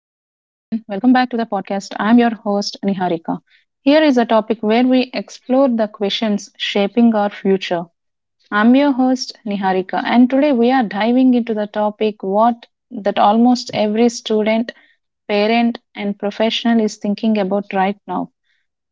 Welcome back to the podcast. I'm your host, Niharika. Here is a topic where we explore the questions shaping our future. I'm your host, Niharika, and today we are diving into the topic what that almost every student, parent, and professional is thinking about right now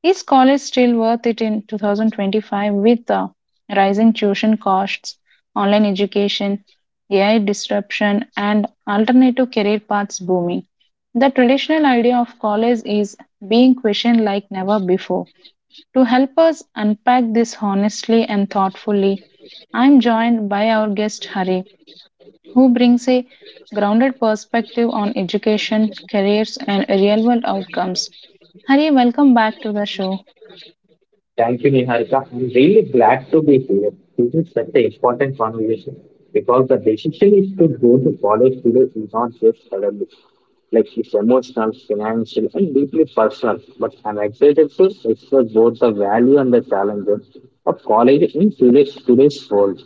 is college still worth it in 2025, with the rising tuition costs, online education, AI disruption, and alternative career paths booming? The traditional idea of college is being questioned like never before. To help us unpack this honestly and thoughtfully, I'm joined by our guest Hari, who brings a grounded perspective on education, careers, and real world outcomes. Hari, welcome back to the show. Thank you, Niharika. I'm really glad to be here. This is such an important conversation because the decision is to go to college today is not just academic. Like it's emotional, financial, and deeply personal. But I'm excited to explore both the value and the challenges of college in today's world.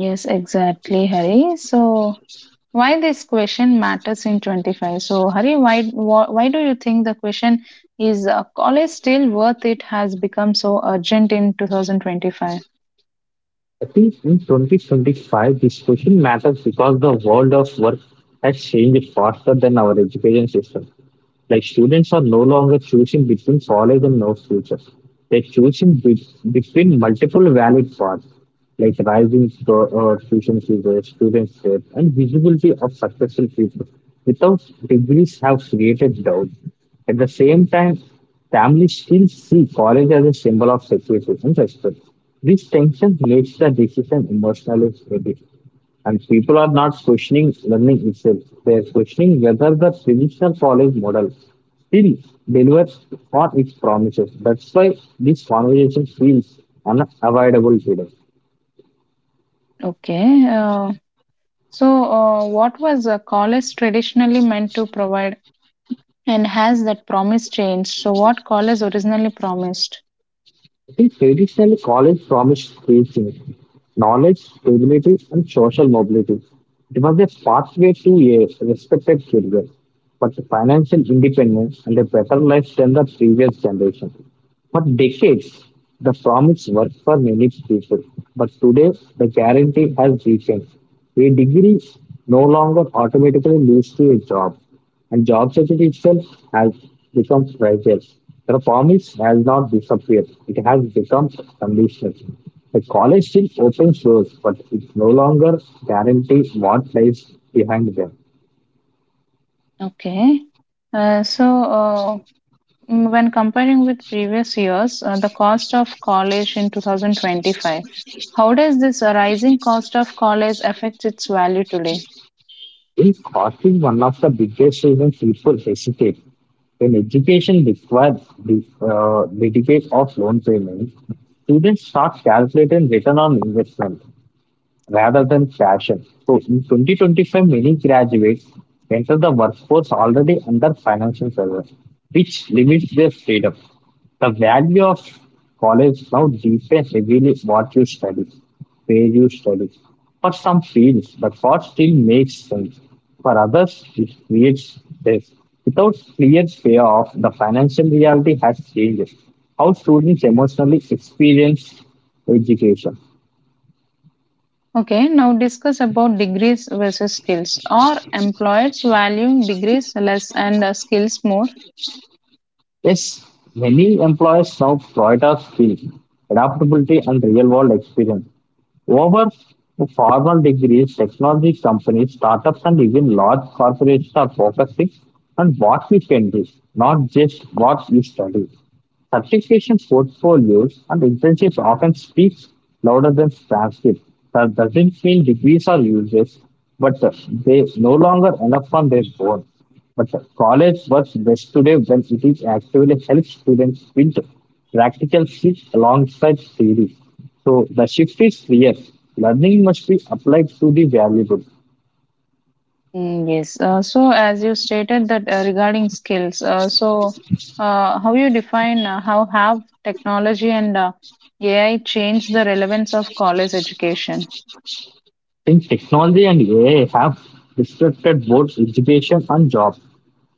Yes, exactly, Hari. So, why this question matters in 25? So, Hari, why do you think the question is college still worth it has become so urgent in 2025? I think in 2025, this question matters because the world of work has changed faster than our education system. Like students are no longer choosing between college and no future. They're choosing between multiple valid paths, like rising tuition fees, student debt, and visibility of successful people. Without degrees have created doubt. At the same time, families still see college as a symbol of security and respect. This tension makes the decision emotionally heavy. And people are not questioning learning itself. They are questioning whether the traditional college model still delivers on its promises. That's why this conversation feels unavoidable today. Okay. What was college traditionally meant to provide, and has that promise changed? So, what college originally promised? I think traditionally college promised three things: knowledge, stability, and social mobility. It was a pathway to a respected career, but financial independence and a better life than the previous generation. For decades, the promise worked for many people, but today the guarantee has weakened. A degree no longer automatically leads to a job, and job security itself has become fragile. The promise has not disappeared, it has become conditional. The college still opens doors, but it no longer guarantees what lies behind them. Okay. Uh, so, uh, When comparing with previous years, the cost of college in 2025, how does this rising cost of college affect its value today? In costing one of the biggest reasons people hesitate when education requires the dedicate of loan payments, students start calculating return on investment rather than fashion. So in 2025, many graduates enter the workforce already under financial pressure, which limits their freedom. The value of college now depends heavily what you study, where you study. For some fields, the cost still makes sense. For others, it creates stress. Without clear payoff, the financial reality has changed how students emotionally experience education. Okay, now discuss about degrees versus skills. Are employers valuing degrees less and skills more? Yes, many employers now prioritize skills, adaptability, and real world experience over formal degrees. Technology companies, startups, and even large corporations are focusing on what we can do, not just what we study. Certification portfolios and internships often speak louder than transcripts. That doesn't mean degrees are useless, but they no longer enough on their own. But college works best today when it is actively helps students build practical skills alongside theory. So the shift is clear. Learning must be applied to the valuable. Yes. So, as you stated that regarding skills, how you define how have technology and AI changed the relevance of college education? Since technology and AI have disrupted both education and jobs,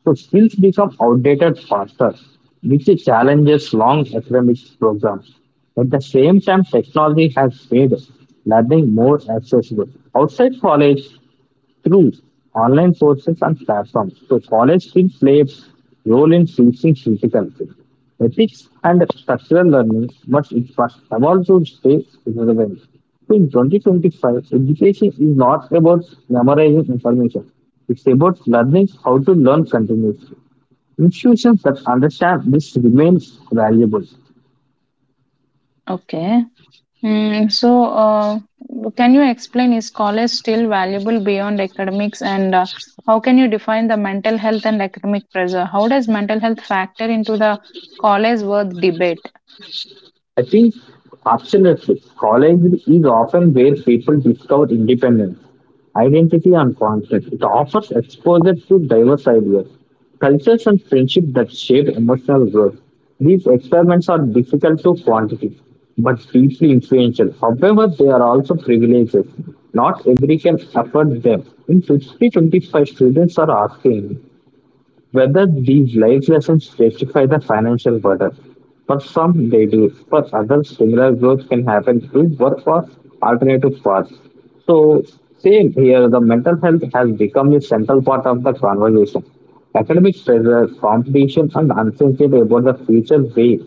so skills become outdated faster, which challenges long academic programs. At the same time, technology has made learning more accessible. Outside college, through online courses and platforms. So college still plays role in teaching critical thinking, ethics and structural learning, but it must evolve to stay relevant. So in 2025, education is not about memorizing information. It's about learning how to learn continuously. Institutions that understand this remain valuable. Okay, Mm, so, uh, can you explain, is college still valuable beyond academics, and how can you define the mental health and academic pressure? How does mental health factor into the college worth debate? I think absolutely. College is often where people discover independence, identity, and confidence. It offers exposure to diverse ideas, cultures, and friendship that shape emotional growth. These experiments are difficult to quantify, but deeply influential. However, they are also privileges. Not every can afford them. In 50 25 students are asking whether these life lessons justify the financial burden. For some, they do. For others, similar growth can happen through work or alternative paths. So, same here, the mental health has become a central part of the conversation. Academic pressure, competition, and uncertainty about the future way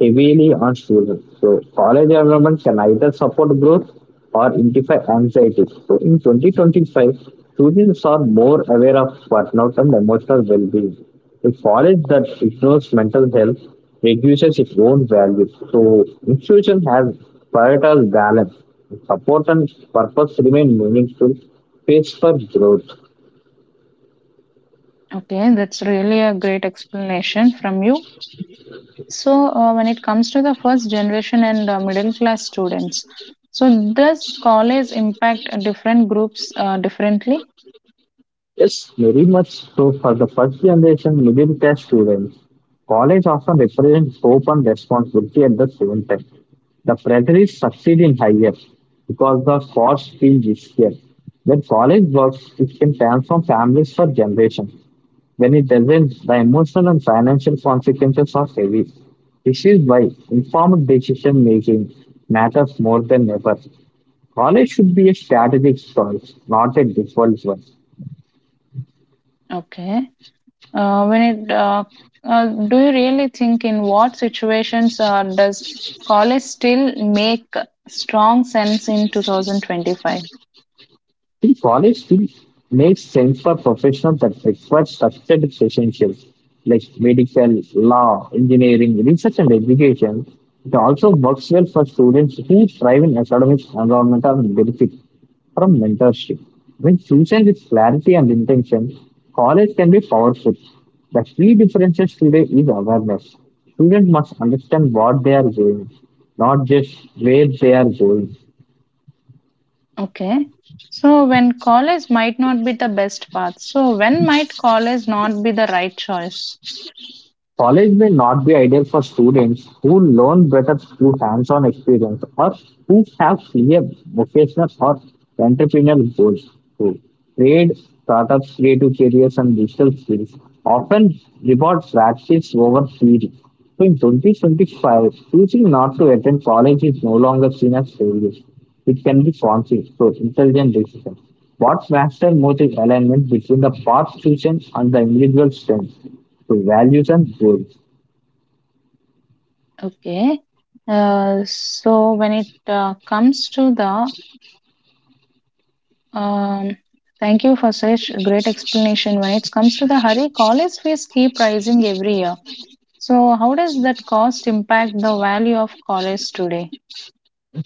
heavily on students. So college enrollment can either support growth or intensify anxiety. So in 2025, students are more aware of burnout and emotional well-being. A college that ignores mental health reduces its own value. So institution has prioritized balance, support and purpose remain meaningful space for growth. Okay, that's really a great explanation from you. So, when it comes to the first generation and middle class students, so does college impact different groups differently? Yes, very much so for the first generation middle class students. College often represents hope and responsibility at the same time. The pressure is succeed in higher because the cost feel riskier. When college works, it can transform families for generations. When it doesn't, the emotional and financial consequences are heavy. This is why informed decision making matters more than ever. College should be a strategic choice, not a default one. Okay. When it do you really think, in what situations does college still make strong sense in 2025? The college fee makes sense for professions that require structured relationships like medical, law, engineering, research, and education. It also works well for students who thrive in academic environment and benefit from mentorship. When chosen with clarity and intention, college can be powerful. The key differences today is awareness. Students must understand what they are doing, not just where they are going. Okay. So when college might not be the best path. So when might college not be the right choice? College may not be ideal for students who learn better through hands-on experience or who have clear vocational or entrepreneurial goals to trade, startups, creative careers, and digital skills often reward practice over theory. So in 2025, choosing not to attend college is no longer seen as failure. It can be confused for intelligent decisions. What matters most is alignment between the path chosen and the individual strengths, the values and goals. Okay. So when it comes to the um, thank you for such a great explanation. When it comes to the hurry, college fees keep rising every year. So, how does that cost impact the value of college today?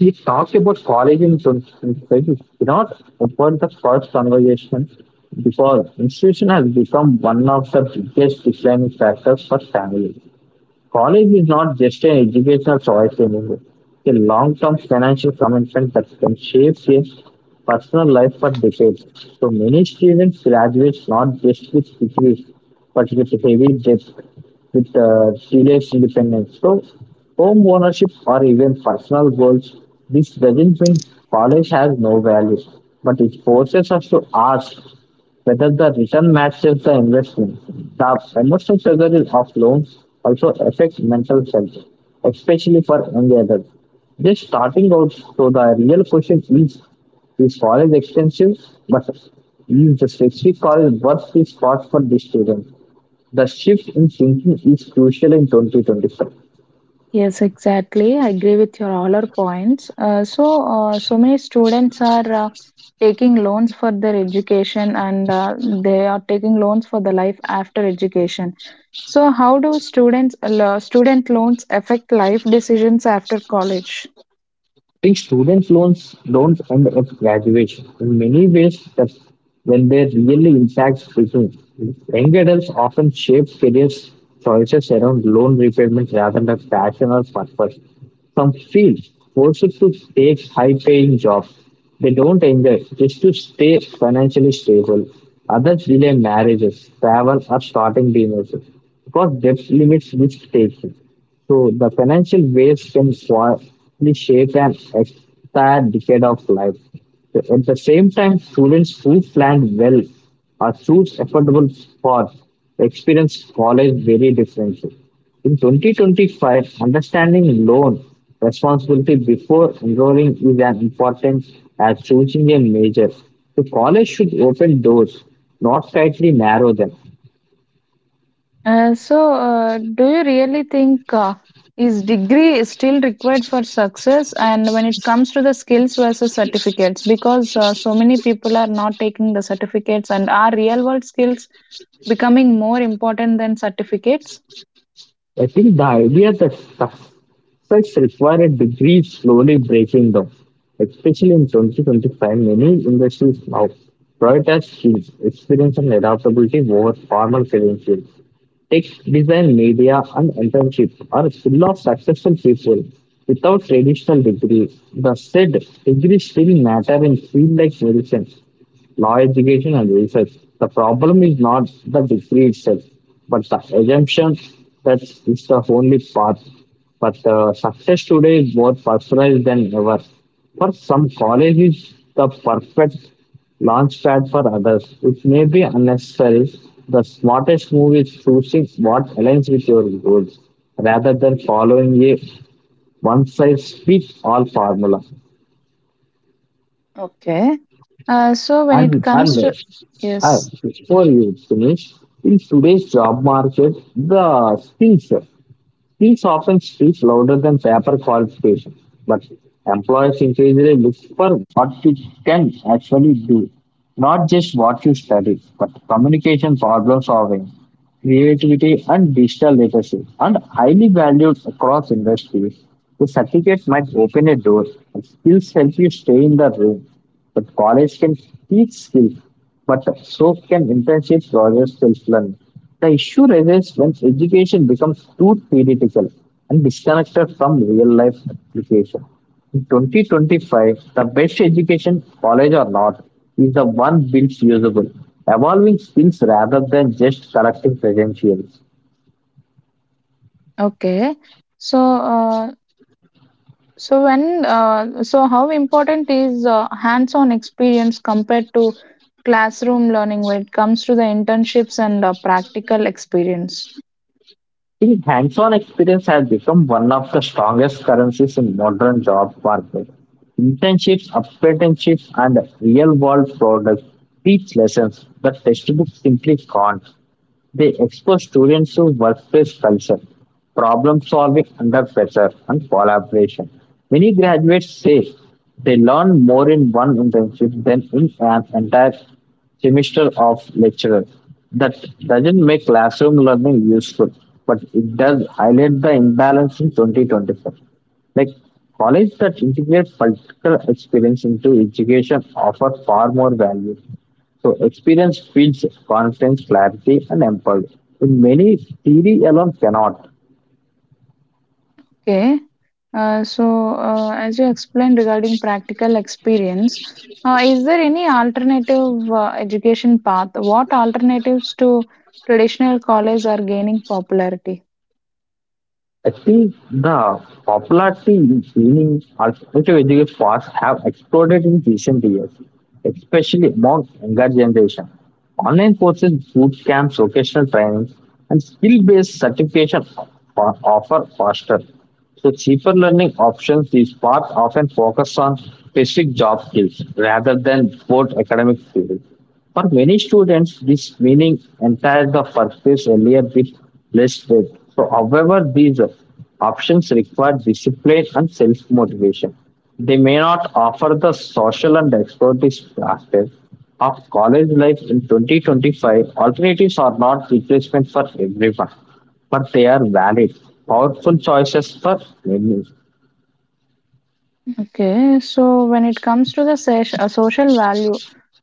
We talked about college in 2025. We cannot avoid the first conversation because institution has become one of the biggest defining factors for families. College is not just an educational choice anymore. It's a long-term financial commitment that can shape your personal life for decades. So many students graduate not just with degrees, but with heavy debt, with serious independence. So home ownership or even personal goals, this doesn't mean college has no value, but it forces us to ask whether the return matches the investment. The emotional struggle of loans also affects mental health, especially for young adults. Just starting out, so the real question is college expensive, but is the specific college worth its cost for these students? The shift in thinking is crucial in 2025. Yes, exactly. I agree with your all our points. So many students are taking loans for their education, and they are taking loans for the life after education. So, how do student loans affect life decisions after college? Think student loans don't end at graduation. In many ways, that's when they really impact people. Young adults often shape career choices around loan repayment rather than passion or purpose. Some feel forced to take high-paying jobs they don't enjoy just to stay financially stable. Others delay marriages, travel, or starting businesses because debt limits risk taking. So the financial waves can quietly shape an entire decade of life. So at the same time, students who plan well or choose affordable paths experience college very differently. In 2025, understanding loan responsibility before enrolling is as important as choosing a major. So college should open doors, not tightly narrow them. Do you really think, is degree is still required for success? And when it comes to the skills versus certificates, because so many people are not taking the certificates, and are real world skills becoming more important than certificates? I think the idea that success requires a degree is slowly breaking down, especially in 2025. Many industries now prioritize skills, experience, and adaptability over formal credentials. Tech, design, media, and internship are full of successful people without traditional degrees. The said, degrees still matter in fields like medicine, law education and research. The problem is not the degree itself, but the assumption that it's the only path. But success today is more personalized than ever. For some college is the perfect launch pad for others. It may be unnecessary. The smartest move is choosing what aligns with your goals rather than following a one size fits all formula. Okay. So when it comes And to yes, Before you finish, in today's job market, the skills often speak louder than paper qualification. But employers increasingly look for what you can actually do, not just what you study, but communication, problem solving, creativity, and digital literacy and highly valued across industries. The certificate might open a door, and skills help you stay in the room. But college can teach skills, but so can internship projects self-learning. The issue arises when education becomes too theoretical and disconnected from real-life application. In 2025, the best education, college or not, is the one built usable, evolving skills rather than just collecting credentials. okay. So uh, so how important is hands-on experience compared to classroom learning when it comes to the internships and practical experience? I think hands-on experience has become one of the strongest currencies in modern job market. Internships, apprenticeships, and real-world products teach lessons that textbooks simply can't. They expose students to workplace culture, problem solving under pressure, and collaboration. Many graduates say they learn more in one internship than in an entire semester of lecture. That doesn't make classroom learning useful, but it does highlight the imbalance in 2024. Like college that integrate practical experience into education offer far more value. So experience feeds confidence, clarity, and empathy. In many theory alone cannot. Okay. As you explained regarding practical experience, is there any alternative education path? What alternatives to traditional college are gaining popularity? I think the popularity in training alternative education paths have exploded in recent years, especially among younger generation. Online courses, boot camps, vocational trainings, and skill-based certification offer faster, so cheaper learning options. These paths often focus on specific job skills rather than broad academic skills. For many students, this meaning entire the purpose earlier with less faith. So, however, these options require discipline and self-motivation. They may not offer the social and expertise aspect of college life in 2025. Alternatives are not replacement for everyone, but they are valid, powerful choices for many. Okay. So when it comes to the social value,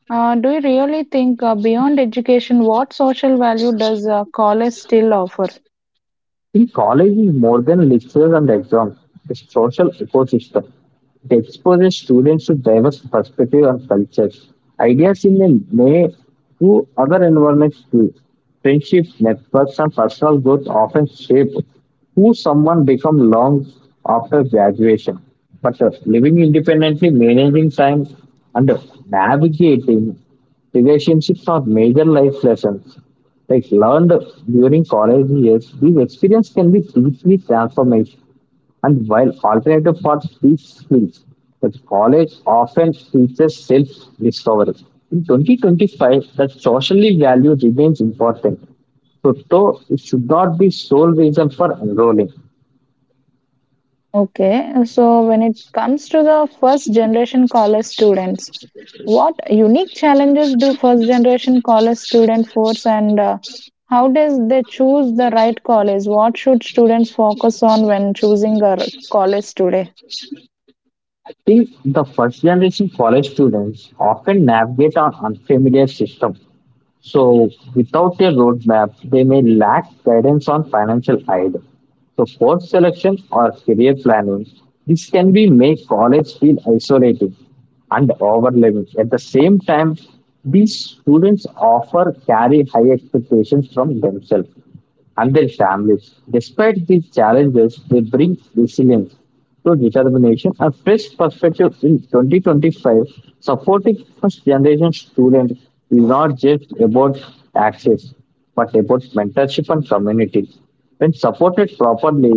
Do you really think, beyond education, what social value does college still offer? In college is more than lectures and exams, it's a social ecosystem. It exposes students to diverse perspectives and cultures, ideas in a way to other environments too. Friendships, networks, and personal growth often shape who someone becomes long after graduation. But living independently, managing time, and navigating relationships are major life lessons like learned during college years, these experience can be deeply transformative. And while alternative paths teach skills, the college often teaches self-discovery. In 2025, the socially value remains important. So, though it should not be sole reason for enrolling. Okay, so when it comes to the first generation college students, what unique challenges do first generation college student force, and how does they choose the right college? What should students focus on when choosing a college today? I think the first generation college students often navigate an unfamiliar system. So, without a roadmap, they may lack guidance on financial aid. So, course selection or career planning, this can be make college feel isolating and overwhelming. At the same time, these students often carry high expectations from themselves and their families. Despite these challenges, they bring resilience to determination and fresh perspective in 2025, supporting first generation students is not just about access, but about mentorship and community. When supported properly,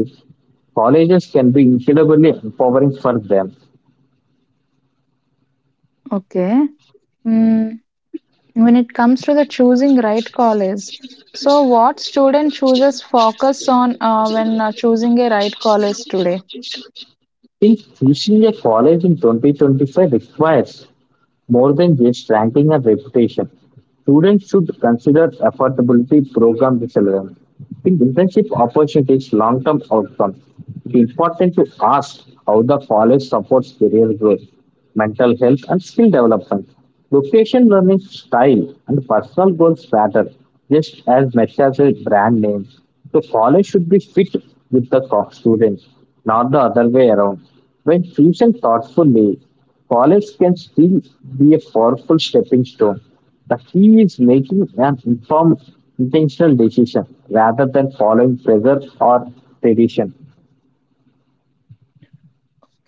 colleges can be incredibly empowering for them. Okay Mm, when it comes to the choosing right college, so what student chooses focus on when choosing a right college today? In choosing a college in 2025 requires more than just ranking and reputation, students should consider affordability program excellence. In internship opportunities, long-term outcomes, it is important to ask how the college supports career growth, mental health, and skill development. Location, learning style, and personal goals matter just as much as a brand name. The college should be fit with the students, not the other way around. When chosen thoughtfully, college can still be a powerful stepping stone the key is making an informed, intentional decision rather than following pressure or tradition.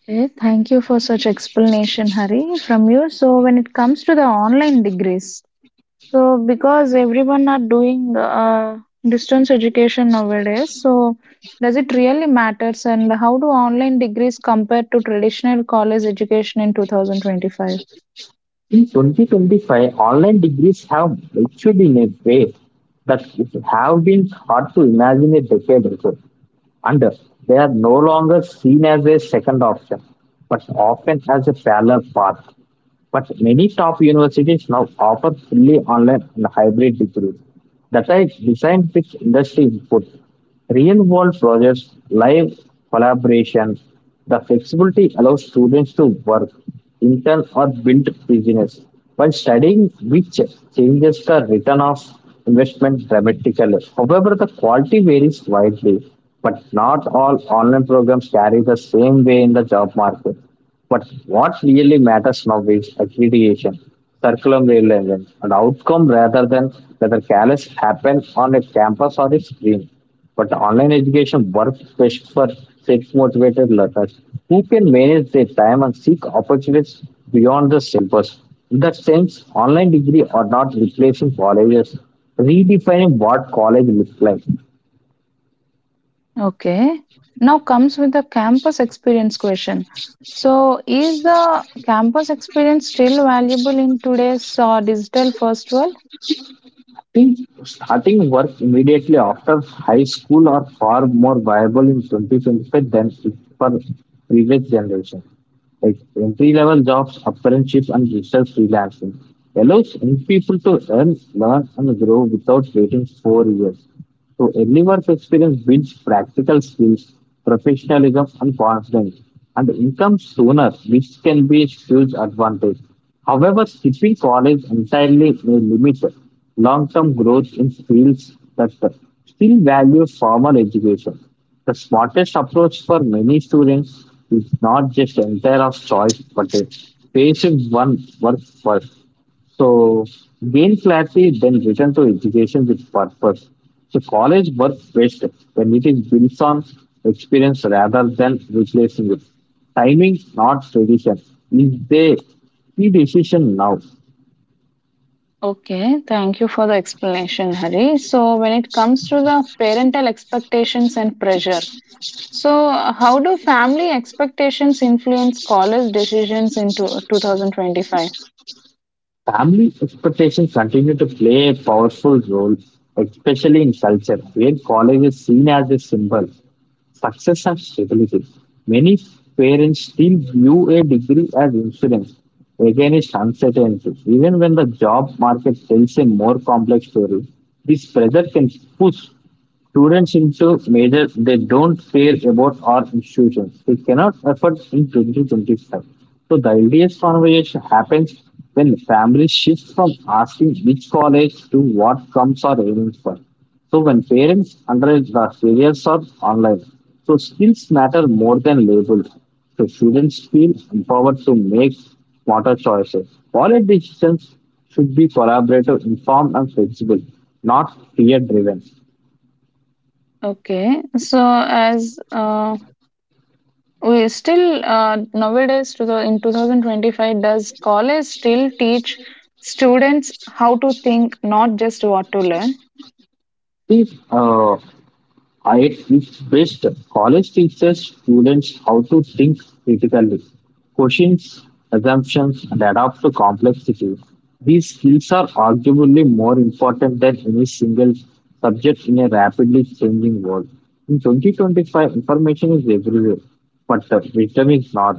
Okay, thank you for such explanation, Hari, from you. So when it comes to the online degrees, so because everyone are doing distance education nowadays, so does it really matters, and how do online degrees compare to traditional college education in 2025? In 2025, online degrees have matured in a way that have been hard to imagine a decade ago. And they are no longer seen as a second option, but often as a parallel path. But many top universities now offer fully online and hybrid degrees that are designed with industry input real world projects, live collaboration, the flexibility allows students to work, intern, or build business. While studying, which changes the return of investment dramatically. However, the quality varies widely, but not all online programs carry the same way in the job market. But what really matters now is accreditation, curriculum relevance, and outcome rather than whether classes happen on a campus or a screen. But online education works best for self-motivated learners who can manage their time and seek opportunities beyond the syllabus. In that sense, online degree are not replacing colleges, redefining what college looks like. Okay. Now comes with the campus experience question. So, is the campus experience still valuable in today's digital first world? Think starting work immediately after high school are far more viable in 2025 than it for previous generation. Like entry level jobs, apprenticeship, and research freelancing allows young people to earn, learn, and grow without waiting 4 years. So everyone's experience builds practical skills, professionalism, and confidence, and income sooner, which can be a huge advantage. However, skipping college entirely may limit long-term growth in fields that still value formal education. The smartest approach for many students is not just entire of choice, but a patient one work first so gain clarity, then return to education with purpose. So college works best when it is built on experience rather than replacing it. Timing, not tradition. Is the key decision now. Okay, thank you for the explanation, Hari. So, when it comes to the parental expectations and pressure, so how do family expectations influence scholars' decisions in 2025? Family expectations continue to play a powerful role, especially in culture, where college is seen as a symbol. Success and stability. Many parents still view a degree as insurance against uncertainty. Even when the job market tells a more complex story, this pressure can push students into majors they don't care about our institutions. They cannot afford in 2025. So the LDS conversation happens when families shift from asking which college to what comes are aiming for. So when parents underage the careers are online. So skills matter more than labels. So students feel empowered to make smarter choices. College decisions should be collaborative, informed, and flexible, not fear driven. Okay, so as we still nowadays to the, in 2025, does college still teach students how to think, not just what to learn? If I It's best college teaches students how to think critically, questions assumptions, and adapt to complexity. These skills are arguably more important than any single subject in a rapidly changing world. In 2025, information is everywhere, but wisdom is not.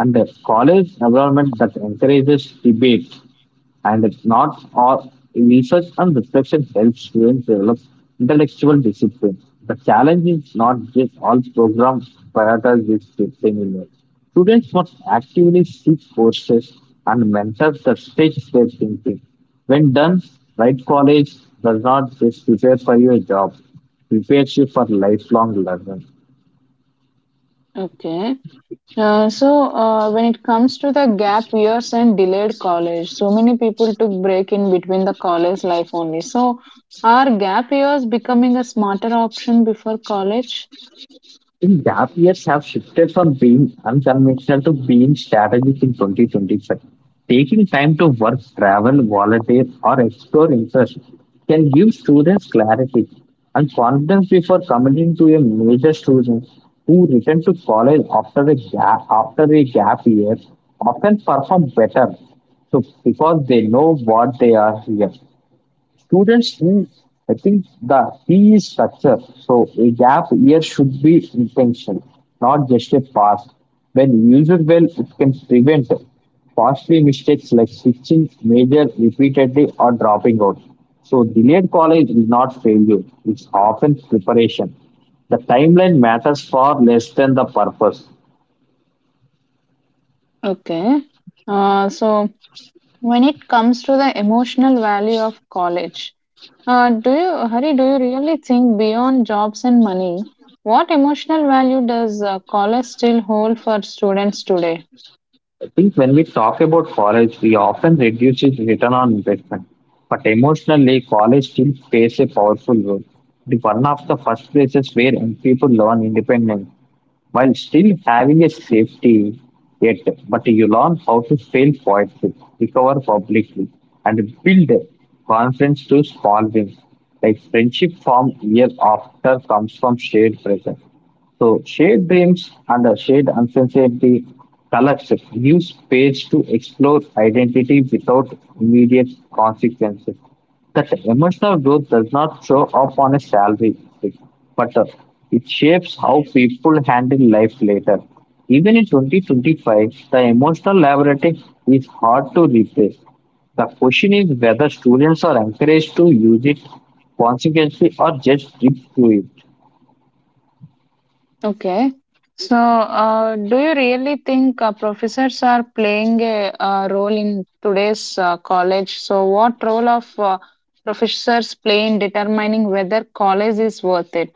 And a college environment that encourages debate, and it's not all research and reflection helps students develop intellectual discipline. The challenge is not just all programs prioritize this discipline anymore. Students must actively seek courses and mentors that stretch their thinking. When done, right college does not just prepare for your job, prepares you for lifelong learning. Okay. When it comes to the gap years and delayed college, so many people took break in between the college life only, so are gap years becoming a smarter option before college? In gap years have shifted from being unconventional to being strategic in 2025. Taking time to work, travel, volunteer, or explore interests can give students clarity and confidence before committing to a major students who return to college after a gap year often perform better so because they know what they are here students need, I think the P is structure. So a gap year should be intentional, not just a pass. When used well, it can prevent costly mistakes like switching major repeatedly or dropping out. So delayed college is not failure, it's often preparation. The timeline matters far less than the purpose. Okay. uh, so When it comes to the emotional value of college, do you, Hari, do you really think, beyond jobs and money, what emotional value does college still hold for students today? I think when we talk about college, we often reduce its return on investment. But emotionally, college still plays a powerful role. It is one of the first places where young people learn independence, while still having a safety yet, but you learn how to fail quietly, recover publicly, and build confidence through small wins. Like friendship formed year after comes from shared presence. So shared dreams and a shared uncertainty collects new space to explore identity without immediate consequences. That emotional growth does not show up on a salary, but it shapes how people handle life later. Even in 2025, the emotional laboratory is hard to replace. The question is whether students are encouraged to use it consequently or just drip through it. Okay. So, do you really think professors are playing a, role in today's college? So, what role of professors play in determining whether college is worth it?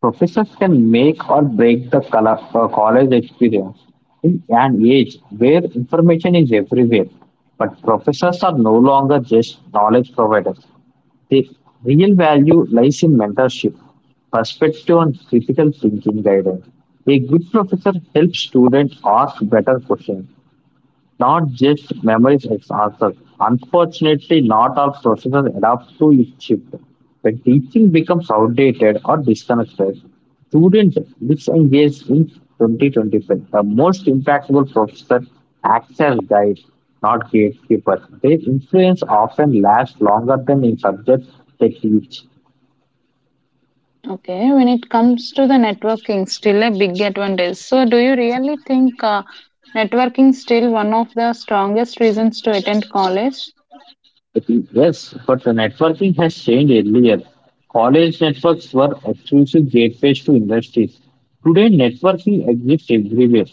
Professors can make or break the college experience in an age where information is everywhere, but professors are no longer just knowledge providers. The real value lies in mentorship, perspective, and critical thinking guidance. A good professor helps students ask better questions, not just memories as answers. Unfortunately, not all professors adapt to its shift. When teaching becomes outdated or disconnected, students disengage in 2025. The most impactful professor acts as guide, not gatekeeper. Their influence often lasts longer than in subjects they teach. Okay, when it comes to the networking, still a big advantage. So, do you really think networking still one of the strongest reasons to attend college? Yes, but the networking has changed earlier. College networks were exclusive gateways to industries. Today, networking exists everywhere,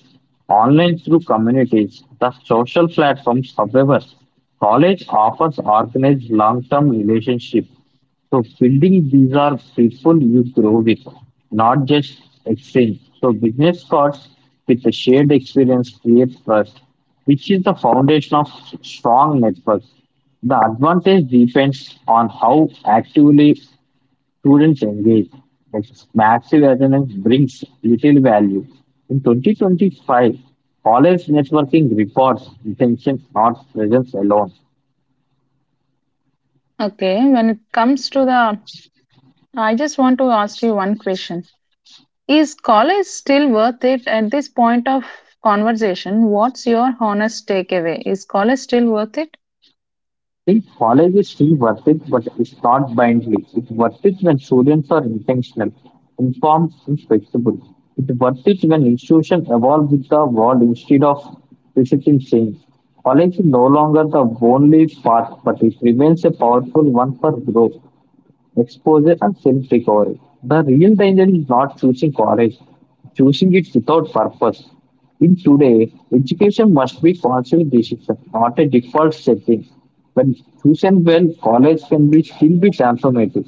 online through communities, the social platforms. However, college offers organized long-term relationships. So building these are people you grow with, not just exchange. So business cards with a shared experience create trust, which is the foundation of strong networks. The advantage depends on how actively students engage. Like massive attendance brings little value. In 2025, college networking reports retention, not presence alone. Okay, when it comes to the, I just want to ask you one question. Is college still worth it at this point of conversation? What's your honest takeaway? Is college still worth it? See, college is still worth it, but it's not blindly. It's worth it when students are intentional, informed, and flexible. It's worth it when institutions evolve with the world instead of resisting change. College is no longer the only path, but it remains a powerful one for growth exposure, and self recovery. The real danger is not choosing college, choosing it without purpose. In today, education must be conscious decision, not a default setting. When chosen well, college can be still be transformative.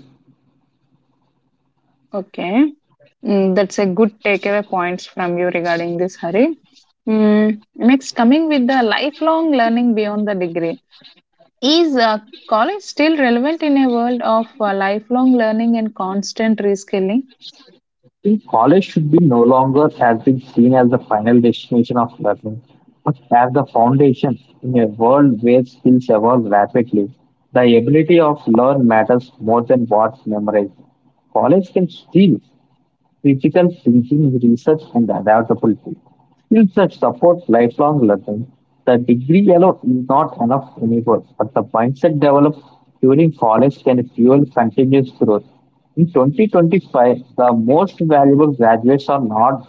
Okay. That's a good takeaway points from you regarding this, Hari. Next, coming with the lifelong learning beyond the degree. Is college still relevant in a world of lifelong learning and constant reskilling? In college should be no longer has been seen as the final destination of learning, but as the foundation in a world where skills evolve rapidly. The ability of learn matters more than what memorized. College can still critical thinking, research, and adaptability. Skills that support lifelong learning. The degree alone is not enough anymore, but the mindset developed during college can fuel continuous growth. In 2025, the most valuable graduates are not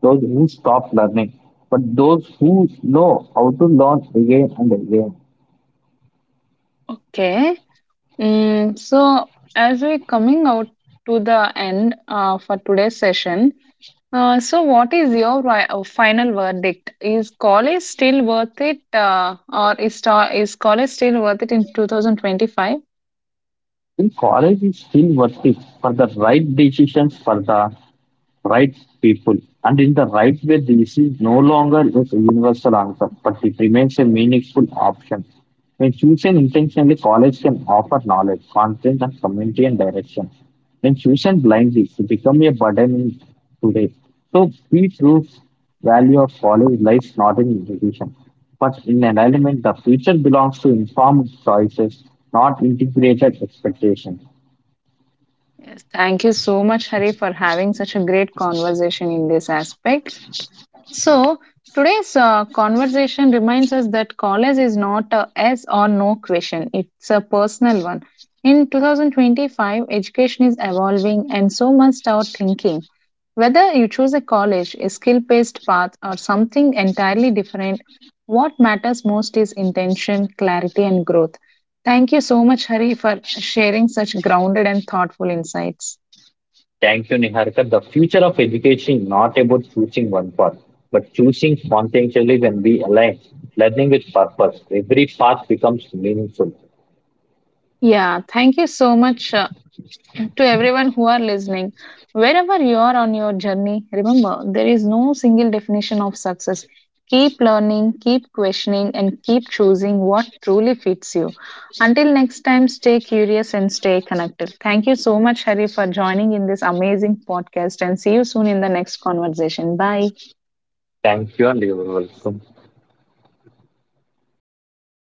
those who stop learning, but those who know how to learn again and again. Okay. So, as we're coming out to the end for today's session, so what is your final verdict? Is college still worth it, or is college still worth it in 2025? In college is still worth it for the right decisions for the right people. And in the right way, this is no longer a universal answer, but it remains a meaningful option. When chosen intentionally, college can offer knowledge, content, and community and direction. When chosen blindly, it becomes a burden in today. So, we prove value of college lies not in education, but in alignment. The future belongs to informed choices, not integrated expectations. Yes, thank you so much, Hari, for having such a great conversation in this aspect. So, today's conversation reminds us that college is not a yes or no question, it's a personal one. In 2025, education is evolving and so must our thinking. Whether you choose a college, a skill based path, or something entirely different, what matters most is intention, clarity, and growth. Thank you so much, Hari, for sharing such grounded and thoughtful insights. Thank you, Niharika. The future of education is not about choosing one path, but choosing conscientiously when we align learning with purpose. Every path becomes meaningful. Yeah, thank you so much, to everyone who are listening, wherever you are on your journey, remember there is no single definition of success. Keep learning, keep questioning, and keep choosing what truly fits you. Until next time, stay curious and stay connected. Thank you so much, Hari, for joining in this amazing podcast, and see you soon in the next conversation. Bye. Thank you and you're welcome.